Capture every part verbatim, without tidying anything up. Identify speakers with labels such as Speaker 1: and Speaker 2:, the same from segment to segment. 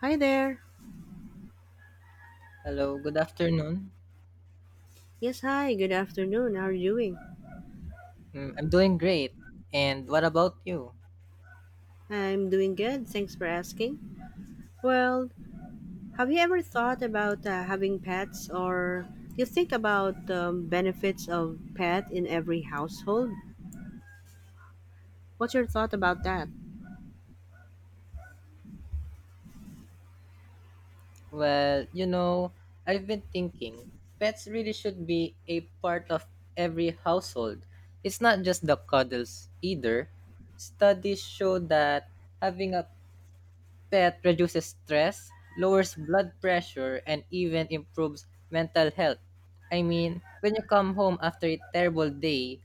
Speaker 1: Hi there.
Speaker 2: Hello, good afternoon.
Speaker 1: Yes, hi. Good afternoon. How are you doing?
Speaker 2: Mm, I'm doing great. And what about you?
Speaker 1: I'm doing good. Thanks for asking. Well, have you ever thought about uh, having pets, or do you think about um, benefits of pet in every household? What's your thought about that?
Speaker 2: Well, you know, I've been thinking pets really should be a part of every household. It's not just the cuddles either. Studies show that having a pet reduces stress, lowers blood pressure, and even improves mental health. I mean, when you come home after a terrible day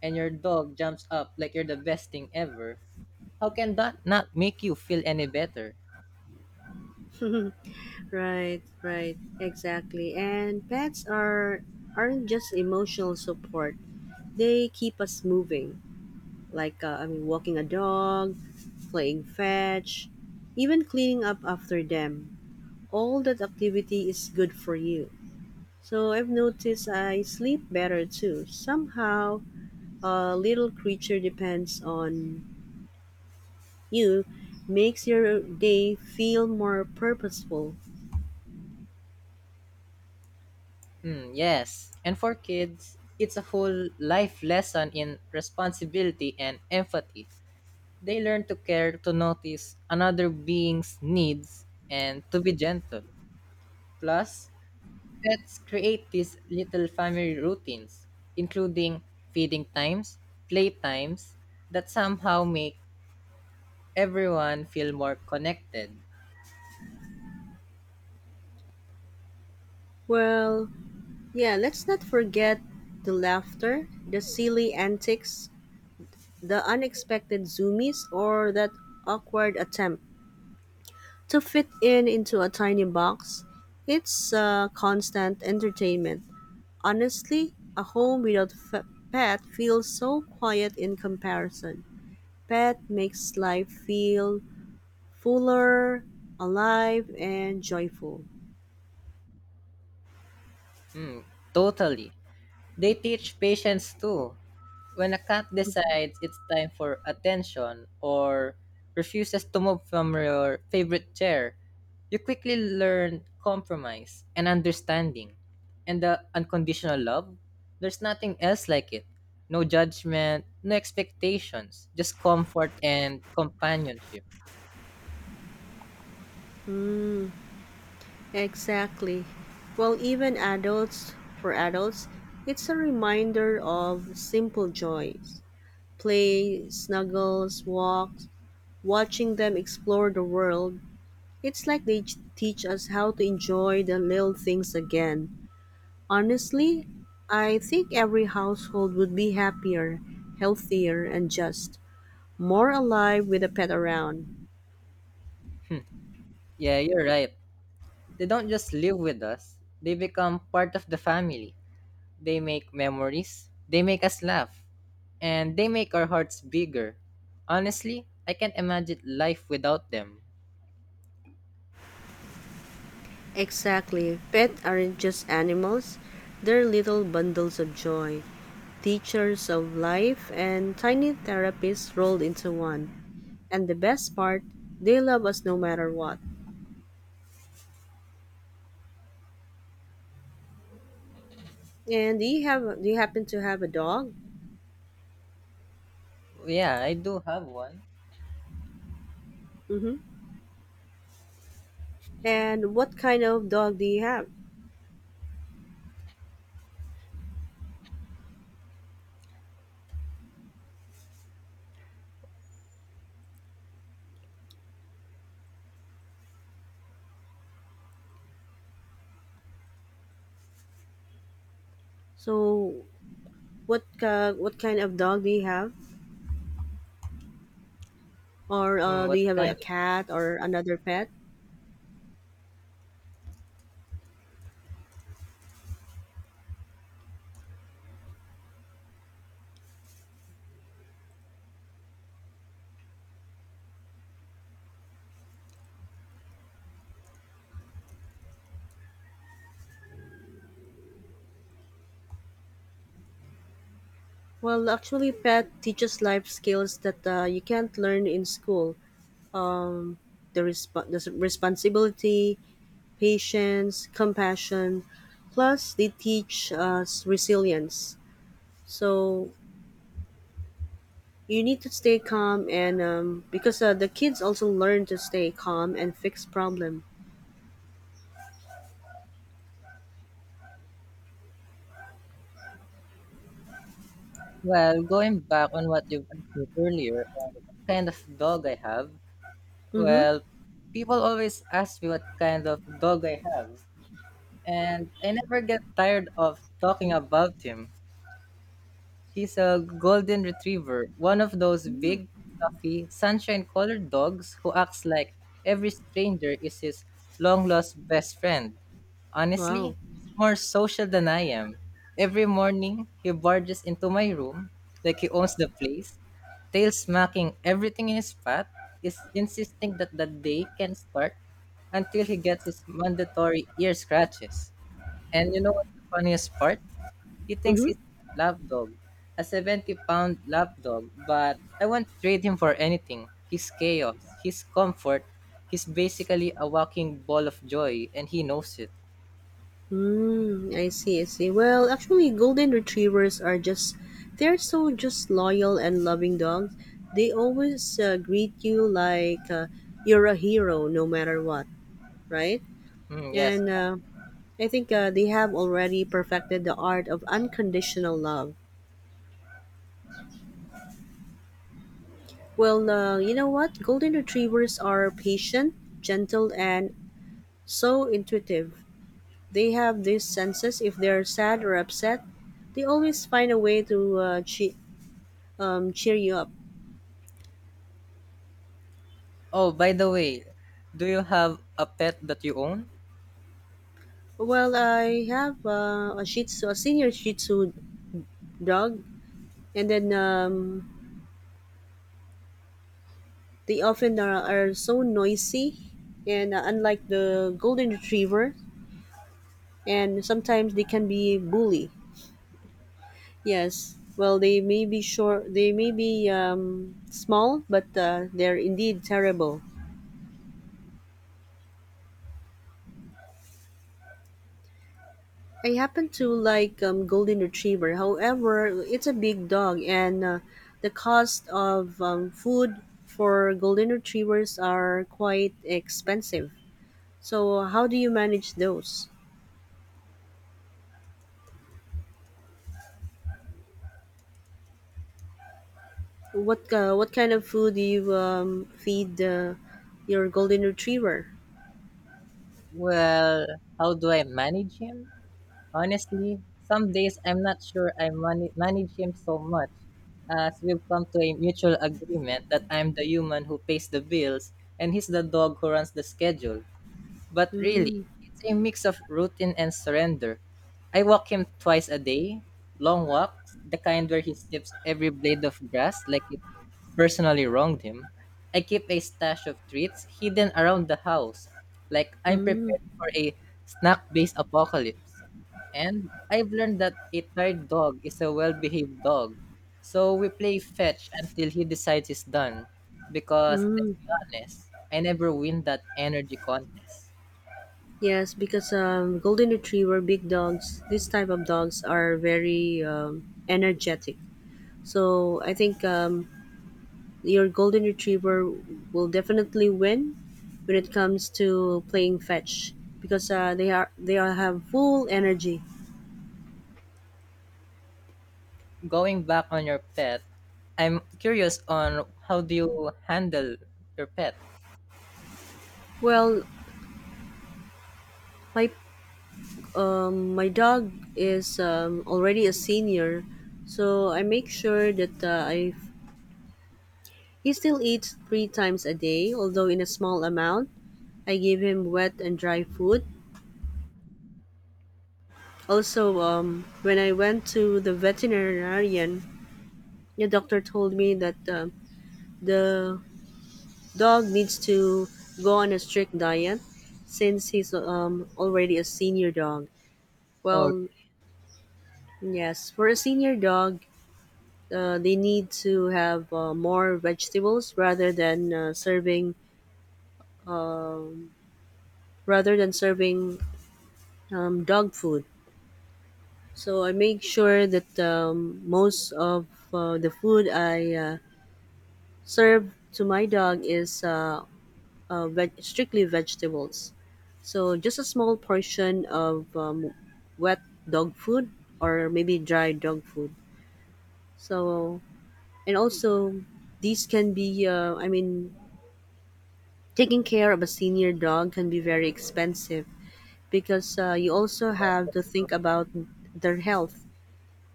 Speaker 2: and your dog jumps up like you're the best thing ever, how can that not make you feel any better?
Speaker 1: Right, right. Exactly. And pets are aren't just emotional support. They keep us moving. Like uh, I mean walking a dog, playing fetch, even cleaning up after them, all that activity is good for you. So I've noticed I sleep better too. Somehow, a little creature depends on you, makes your day feel more purposeful.
Speaker 2: Hmm, yes. And for kids, it's a whole life lesson in responsibility and empathy. They learn to care, to notice another being's needs, and to be gentle. Plus, pets create these little family routines, including feeding times, play times, that somehow make everyone feel more connected.
Speaker 1: Well, yeah, let's not forget the laughter, the silly antics, the unexpected zoomies, or that awkward attempt to fit in into a tiny box. It's uh, constant entertainment. Honestly, a home without a pet feels so quiet in comparison. Pet makes life feel fuller, alive, and joyful.
Speaker 2: Hmm, totally. They teach patience too. When a cat decides it's time for attention or refuses to move from your favorite chair, you quickly learn compromise and understanding. And the unconditional love, there's nothing else like it. No judgment, no expectations, just comfort and companionship.
Speaker 1: Mm, exactly. Well, even adults, for adults, it's a reminder of simple joys. Play, snuggles, walks, watching them explore the world. It's like they ch- teach us how to enjoy the little things again. Honestly, I think every household would be happier, healthier, and just more alive with a pet around.
Speaker 2: Yeah, you're right. They don't just live with us, they become part of the family. They make memories, they make us laugh, and they make our hearts bigger. Honestly, I can't imagine life without them.
Speaker 1: Exactly. Pets aren't just animals, they're little bundles of joy, teachers of life, and tiny therapists rolled into one. And the best part, they love us no matter what. And do you have do you happen to have a dog?
Speaker 2: Yeah, I do have one.
Speaker 1: Mm-hmm. And what kind of dog do you have? So, what uh, what kind of dog do you have? Or
Speaker 2: Mm,
Speaker 1: uh, do
Speaker 2: what
Speaker 1: you have like, a
Speaker 2: kind of,
Speaker 1: cat or another pet? Well, actually, pet teaches life skills that uh, you can't learn in school. Um, the, resp- the responsibility, patience, compassion. Plus, they teach us resilience. So you need to stay calm, and um, because uh, the kids also learn to stay calm and fix problem.
Speaker 2: well, going back on what you asked me earlier, on what kind of dog I have,
Speaker 1: Mm-hmm.
Speaker 2: well, people always ask me what kind of dog I have, and I never get tired of talking about him. He's a golden retriever, one of those big, fluffy, sunshine-colored dogs who acts like every stranger is his long-lost best friend.
Speaker 1: Wow.
Speaker 2: Honestly, he's more social than I am. Every morning, he barges into my room like he owns the place, tail smacking everything in his path, is insisting that the day can start until he gets his mandatory ear scratches. And you know what's the funniest part? He thinks
Speaker 1: Mm-hmm.
Speaker 2: he's a lap a seventy pound lapdog. But I won't trade him for anything. His chaos, his comfort, he's basically a walking ball of joy, and he knows it.
Speaker 1: Mm, I see, I see. Well, actually, golden retrievers are just, they're so just loyal and loving dogs. They always uh, greet you like uh, you're a hero no matter what, right?
Speaker 2: Mm, yes.
Speaker 1: And uh, I think uh, they have already perfected the art of unconditional love. Well, uh, you know what? Golden retrievers are patient, gentle, and so intuitive. They have these senses if they're sad or upset. They always find a way to uh, che- um, cheer you up?
Speaker 2: Oh, by the way, do you have a pet that you own?
Speaker 1: Well, I have uh, a Shih Tzu, a senior Shih Tzu dog, and then um, they often are, are so noisy, and uh, unlike the golden retriever, and sometimes they can be bully. Yes. Well, they may be short, they may be um, small, but uh, they're indeed terrible. I happen to like um, golden retriever. However, it's a big dog, and uh, the cost of um, food for golden retrievers are quite expensive. So, how do you manage those? What uh, what kind of food do you um, feed uh, your golden retriever?
Speaker 2: Well, how do I manage him? Honestly, some days I'm not sure I man- manage him so much, as we've come to a mutual agreement that I'm the human who pays the bills and he's the dog who runs the schedule. But really,
Speaker 1: Mm,
Speaker 2: it's a mix of routine and surrender. I walk him twice a day, long walks, the kind where he sniffs every blade of grass like it personally wronged him. I keep a stash of treats hidden around the house, like I'm
Speaker 1: mm,
Speaker 2: preparing for a snack based apocalypse. And I've learned that a tired dog is a well behaved dog. So we play fetch until he decides he's done. Because, let's
Speaker 1: mm.
Speaker 2: be honest, I never win that energy contest.
Speaker 1: Yes, because um, golden retriever, big dogs, this type of dogs are very um, energetic. So I think um, your golden retriever will definitely win when it comes to playing fetch because uh, they are they are have full energy.
Speaker 2: Going back on your pet, I'm curious on how do you handle your pet?
Speaker 1: Well, my um, my dog is um, already a senior, so I make sure that uh, I he still eats three times a day, although in a small amount. I give him wet and dry food. Also, um, when I went to the veterinarian, the doctor told me that um the dog needs to go on a strict diet since he's um, already a senior dog.
Speaker 2: Oh,
Speaker 1: Well, yes, for a senior dog, uh, they need to have uh, more vegetables rather than uh, serving rather than serving um, dog food. So I make sure that um, most of uh, the food I uh, serve to my dog is uh, uh, veg- strictly vegetables. So just a small portion of um, wet dog food or maybe dry dog food. So and also these can be uh, I mean taking care of a senior dog can be very expensive because uh, you also
Speaker 2: yeah,
Speaker 1: have to
Speaker 2: that's true.
Speaker 1: think about their health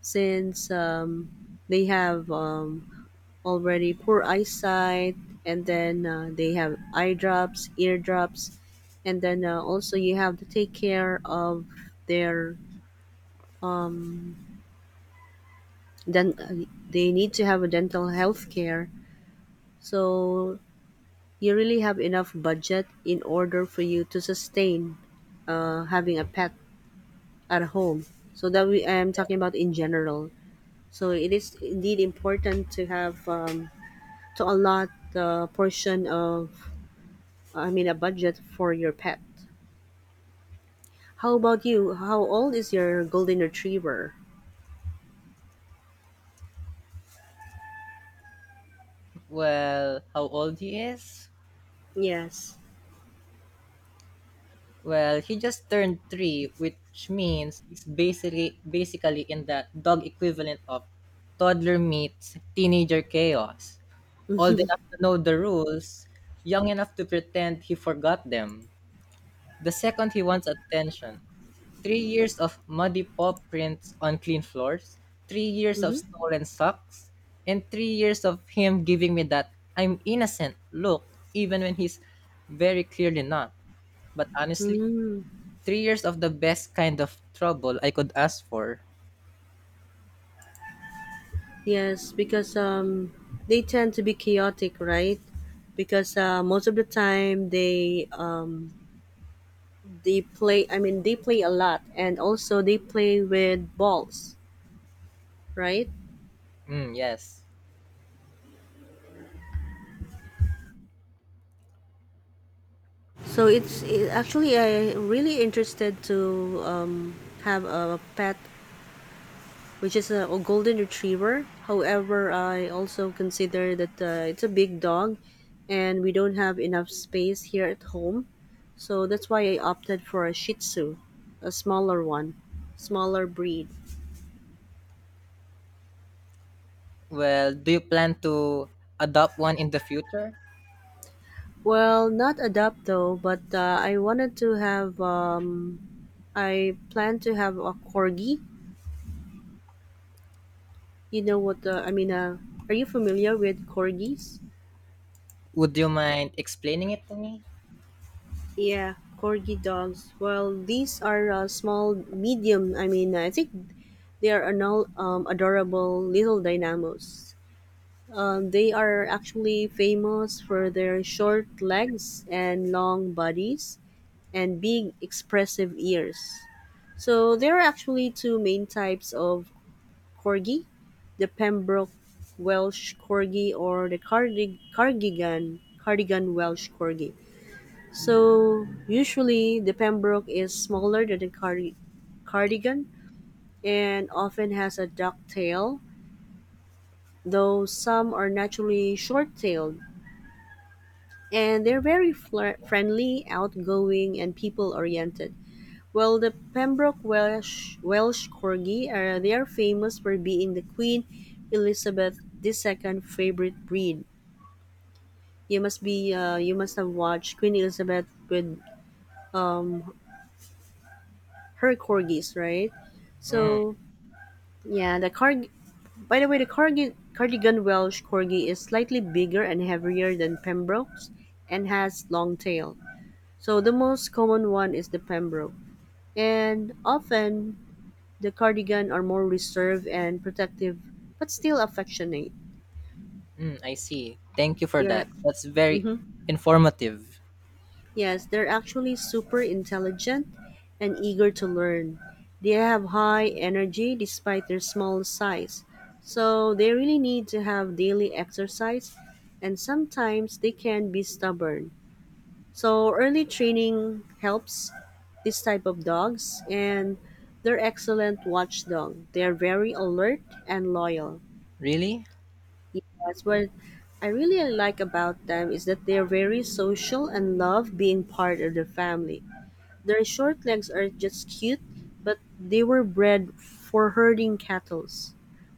Speaker 1: since um, they have um, already poor eyesight, and then uh, they have eye drops, ear drops, and then uh, also you have to take care of their um then uh, they need to have a dental health care, so you really have enough budget in order for you to sustain uh, having a pet at home, so that we I'm talking about in general. So it is indeed important to have um, to allot the portion of I mean a budget for your pet. How about you? How old is your golden retriever?
Speaker 2: Well, how old he is?
Speaker 1: Yes.
Speaker 2: Well, he just turned three, which means he's basically basically in the dog equivalent of toddler meets teenager chaos. Old enough to know the rules, young enough to pretend he forgot them. The second he wants attention, three years of muddy paw prints on clean floors, three years
Speaker 1: Mm-hmm.
Speaker 2: of stolen socks, and three years of him giving me that I'm innocent look, even when he's very clearly not. But honestly,
Speaker 1: Mm,
Speaker 2: three years of the best kind of trouble I could ask for.
Speaker 1: yes, because um, they tend to be chaotic, right? Because uh, most of the time they um, they play. I mean, they play a lot, and also they play with balls, right?
Speaker 2: Mm, yes.
Speaker 1: So it's it, actually I really interested to um, have a pet which is a, a golden retriever. However, I also consider that uh, it's a big dog and we don't have enough space here at home. So that's why I opted for a Shih Tzu, a smaller one, smaller breed.
Speaker 2: Well, do you plan to adopt one in the future?
Speaker 1: Well, not adopt though, but uh, I wanted to have, um, I plan to have a corgi. You know what, uh, I mean, uh, are you familiar with corgis?
Speaker 2: Would you mind explaining it to me?
Speaker 1: Yeah, corgi dogs. Well, these are uh, small, medium. I mean, I think they are anol- um, adorable little dynamos. Um, they are actually famous for their short legs and long bodies and big, expressive ears. So there are actually two main types of corgi: the Pembroke Welsh corgi or the Cardig- Cardigan Cardigan Welsh corgi. So usually the Pembroke is smaller than the cardi- Cardigan, and often has a duck tail, though some are naturally short-tailed. And they're very flir- friendly, outgoing, and people-oriented. While the Pembroke Welsh Welsh Corgi are they are famous for being the Queen Elizabeth the Second favorite breed. You must be uh, you must have watched Queen Elizabeth with um her corgis, right?
Speaker 2: Mm,
Speaker 1: So yeah, the card. By the way, the corgi, Cardigan Welsh Corgi is slightly bigger and heavier than Pembroke's, and has long tail. So the most common one is the Pembroke, and often the Cardigan are more reserved and protective, but still affectionate.
Speaker 2: mm, I see. Thank you for
Speaker 1: Yeah.
Speaker 2: that. That's very
Speaker 1: Mhm.
Speaker 2: informative.
Speaker 1: Yes, they're actually super intelligent and eager to learn. They have high energy despite their small size. So they really need to have daily exercise, and sometimes they can be stubborn. So early training helps this type of dogs, and they're excellent watchdog. They're very alert and loyal.
Speaker 2: Really?
Speaker 1: Yes, what I really like about them is that they're very social and love being part of the family. Their short legs are just cute, but they were bred for herding cattle,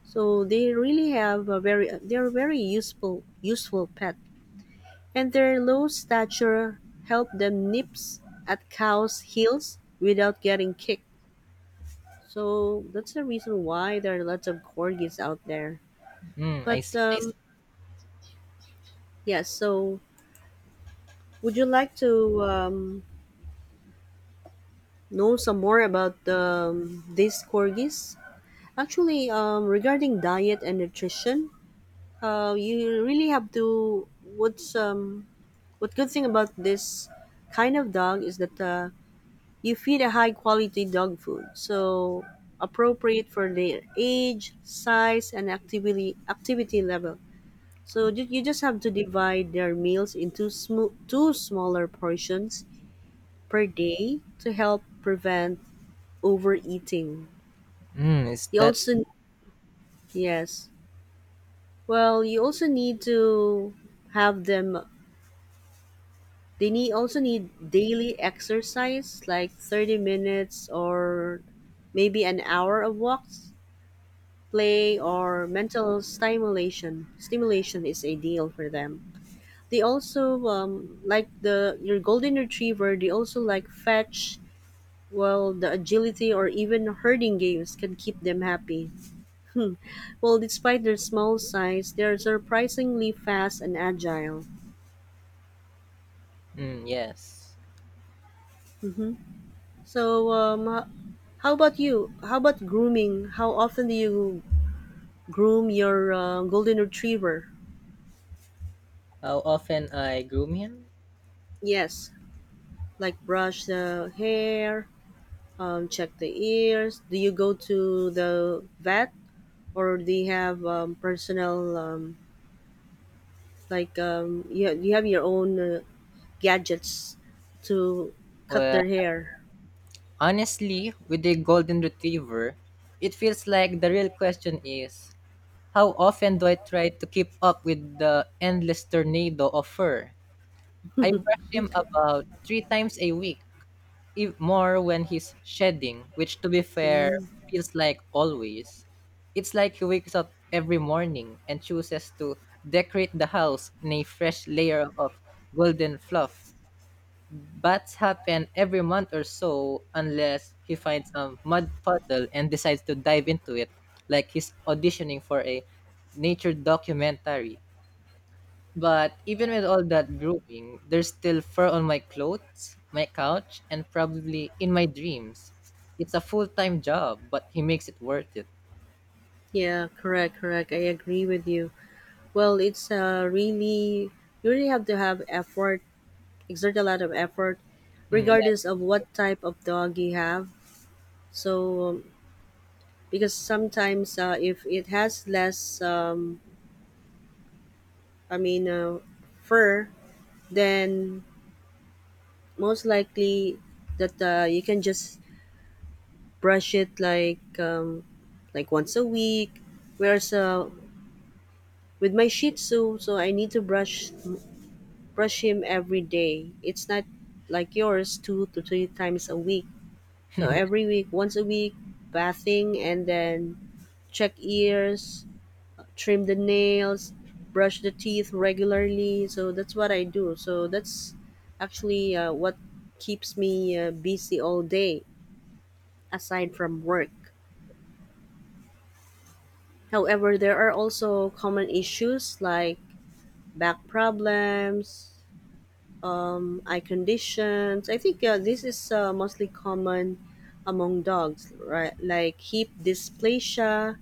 Speaker 1: so they really have a very they're very useful useful pet. And their low stature help them nips at cows' heels without getting kicked. So that's the reason why there are lots of corgis out there.
Speaker 2: Mm, I
Speaker 1: But
Speaker 2: see. I
Speaker 1: um,
Speaker 2: see.
Speaker 1: yeah, so would you like to um, know some more about um, these corgis? Actually, um, regarding diet and nutrition, uh, you really have to. What's um, what good thing about this kind of dog is that uh, you feed a high quality dog food, so appropriate for their age, size, and activity activity level. So you, you just have to divide their meals into sm- two smaller portions per day to help prevent overeating.
Speaker 2: Mm, is
Speaker 1: You
Speaker 2: that
Speaker 1: also yes, well, you also need to have them. They need also need daily exercise, like thirty minutes or maybe an hour of walks, play, or mental stimulation. Stimulation is ideal for them. They also um, like the your golden retriever. They also like fetch. Well, the agility or even herding games can keep them happy. Hmm. Well, despite their small size, they are surprisingly fast and agile.
Speaker 2: mm, yes?
Speaker 1: Mhm. So, um, h- how about you? How about grooming? How often do you groom your uh, golden retriever?
Speaker 2: How often I groom him?
Speaker 1: Yes, like brush the hair, um, check the ears. Do you go to the vet, or do you have um, personal, um, like, um, you, you have your own uh, gadgets to cut
Speaker 2: Well,
Speaker 1: their hair?
Speaker 2: honestly, with the golden retriever, it feels like the real question is how often do I try to keep up with the endless tornado of fur? I brush him about three times a week, ev- more when he's shedding, which to be fair
Speaker 1: Mm,
Speaker 2: feels like always. It's like he wakes up every morning and chooses to decorate the house in a fresh layer of golden fluff. Bats happen every month or so unless he finds a mud puddle and decides to dive into it like he's auditioning for a nature documentary. But even with all that grooming, there's still fur on my clothes, my couch, and probably in my dreams. It's a full time job, but he makes it worth it.
Speaker 1: yeah, correct, correct. I agree with you. Well, it's uh, really, you really have to have effort exert a lot of effort
Speaker 2: Mm,
Speaker 1: regardless of what type of dog you have. So um, because sometimes uh, if it has less um, i mean uh, fur, then most likely that uh, you can just brush it like um, like once a week, whereas uh, with my Shih Tzu, so I need to brush brush him every day. It's not like yours two to three times a week. So
Speaker 2: yeah,
Speaker 1: every week, once a week bathing, and then check ears, trim the nails, brush the teeth regularly. So that's what I do. So that's actually uh, what keeps me uh, busy all day aside from work. However, there are also common issues like back problems, um, eye conditions. I think uh, this is uh, mostly common among dogs, right? Like hip dysplasia,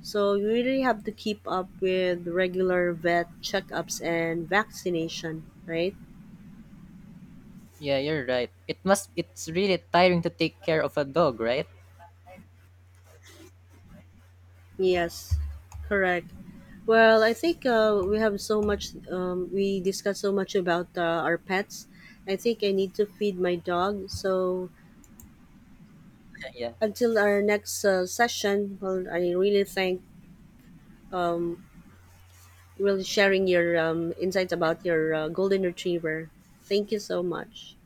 Speaker 1: so you really have to keep up with regular vet checkups and vaccination, right?
Speaker 2: yeah, you're right. It must. It's really tiring to take care of a dog, right?
Speaker 1: Yes, correct. Well, I think uh, we have so much, um, we discussed so much about uh, our pets. I think I need to feed my dog. So
Speaker 2: Yeah.
Speaker 1: until our next uh, session, well, I really thank um, really sharing your um, insights about your uh, golden retriever. Thank you so much.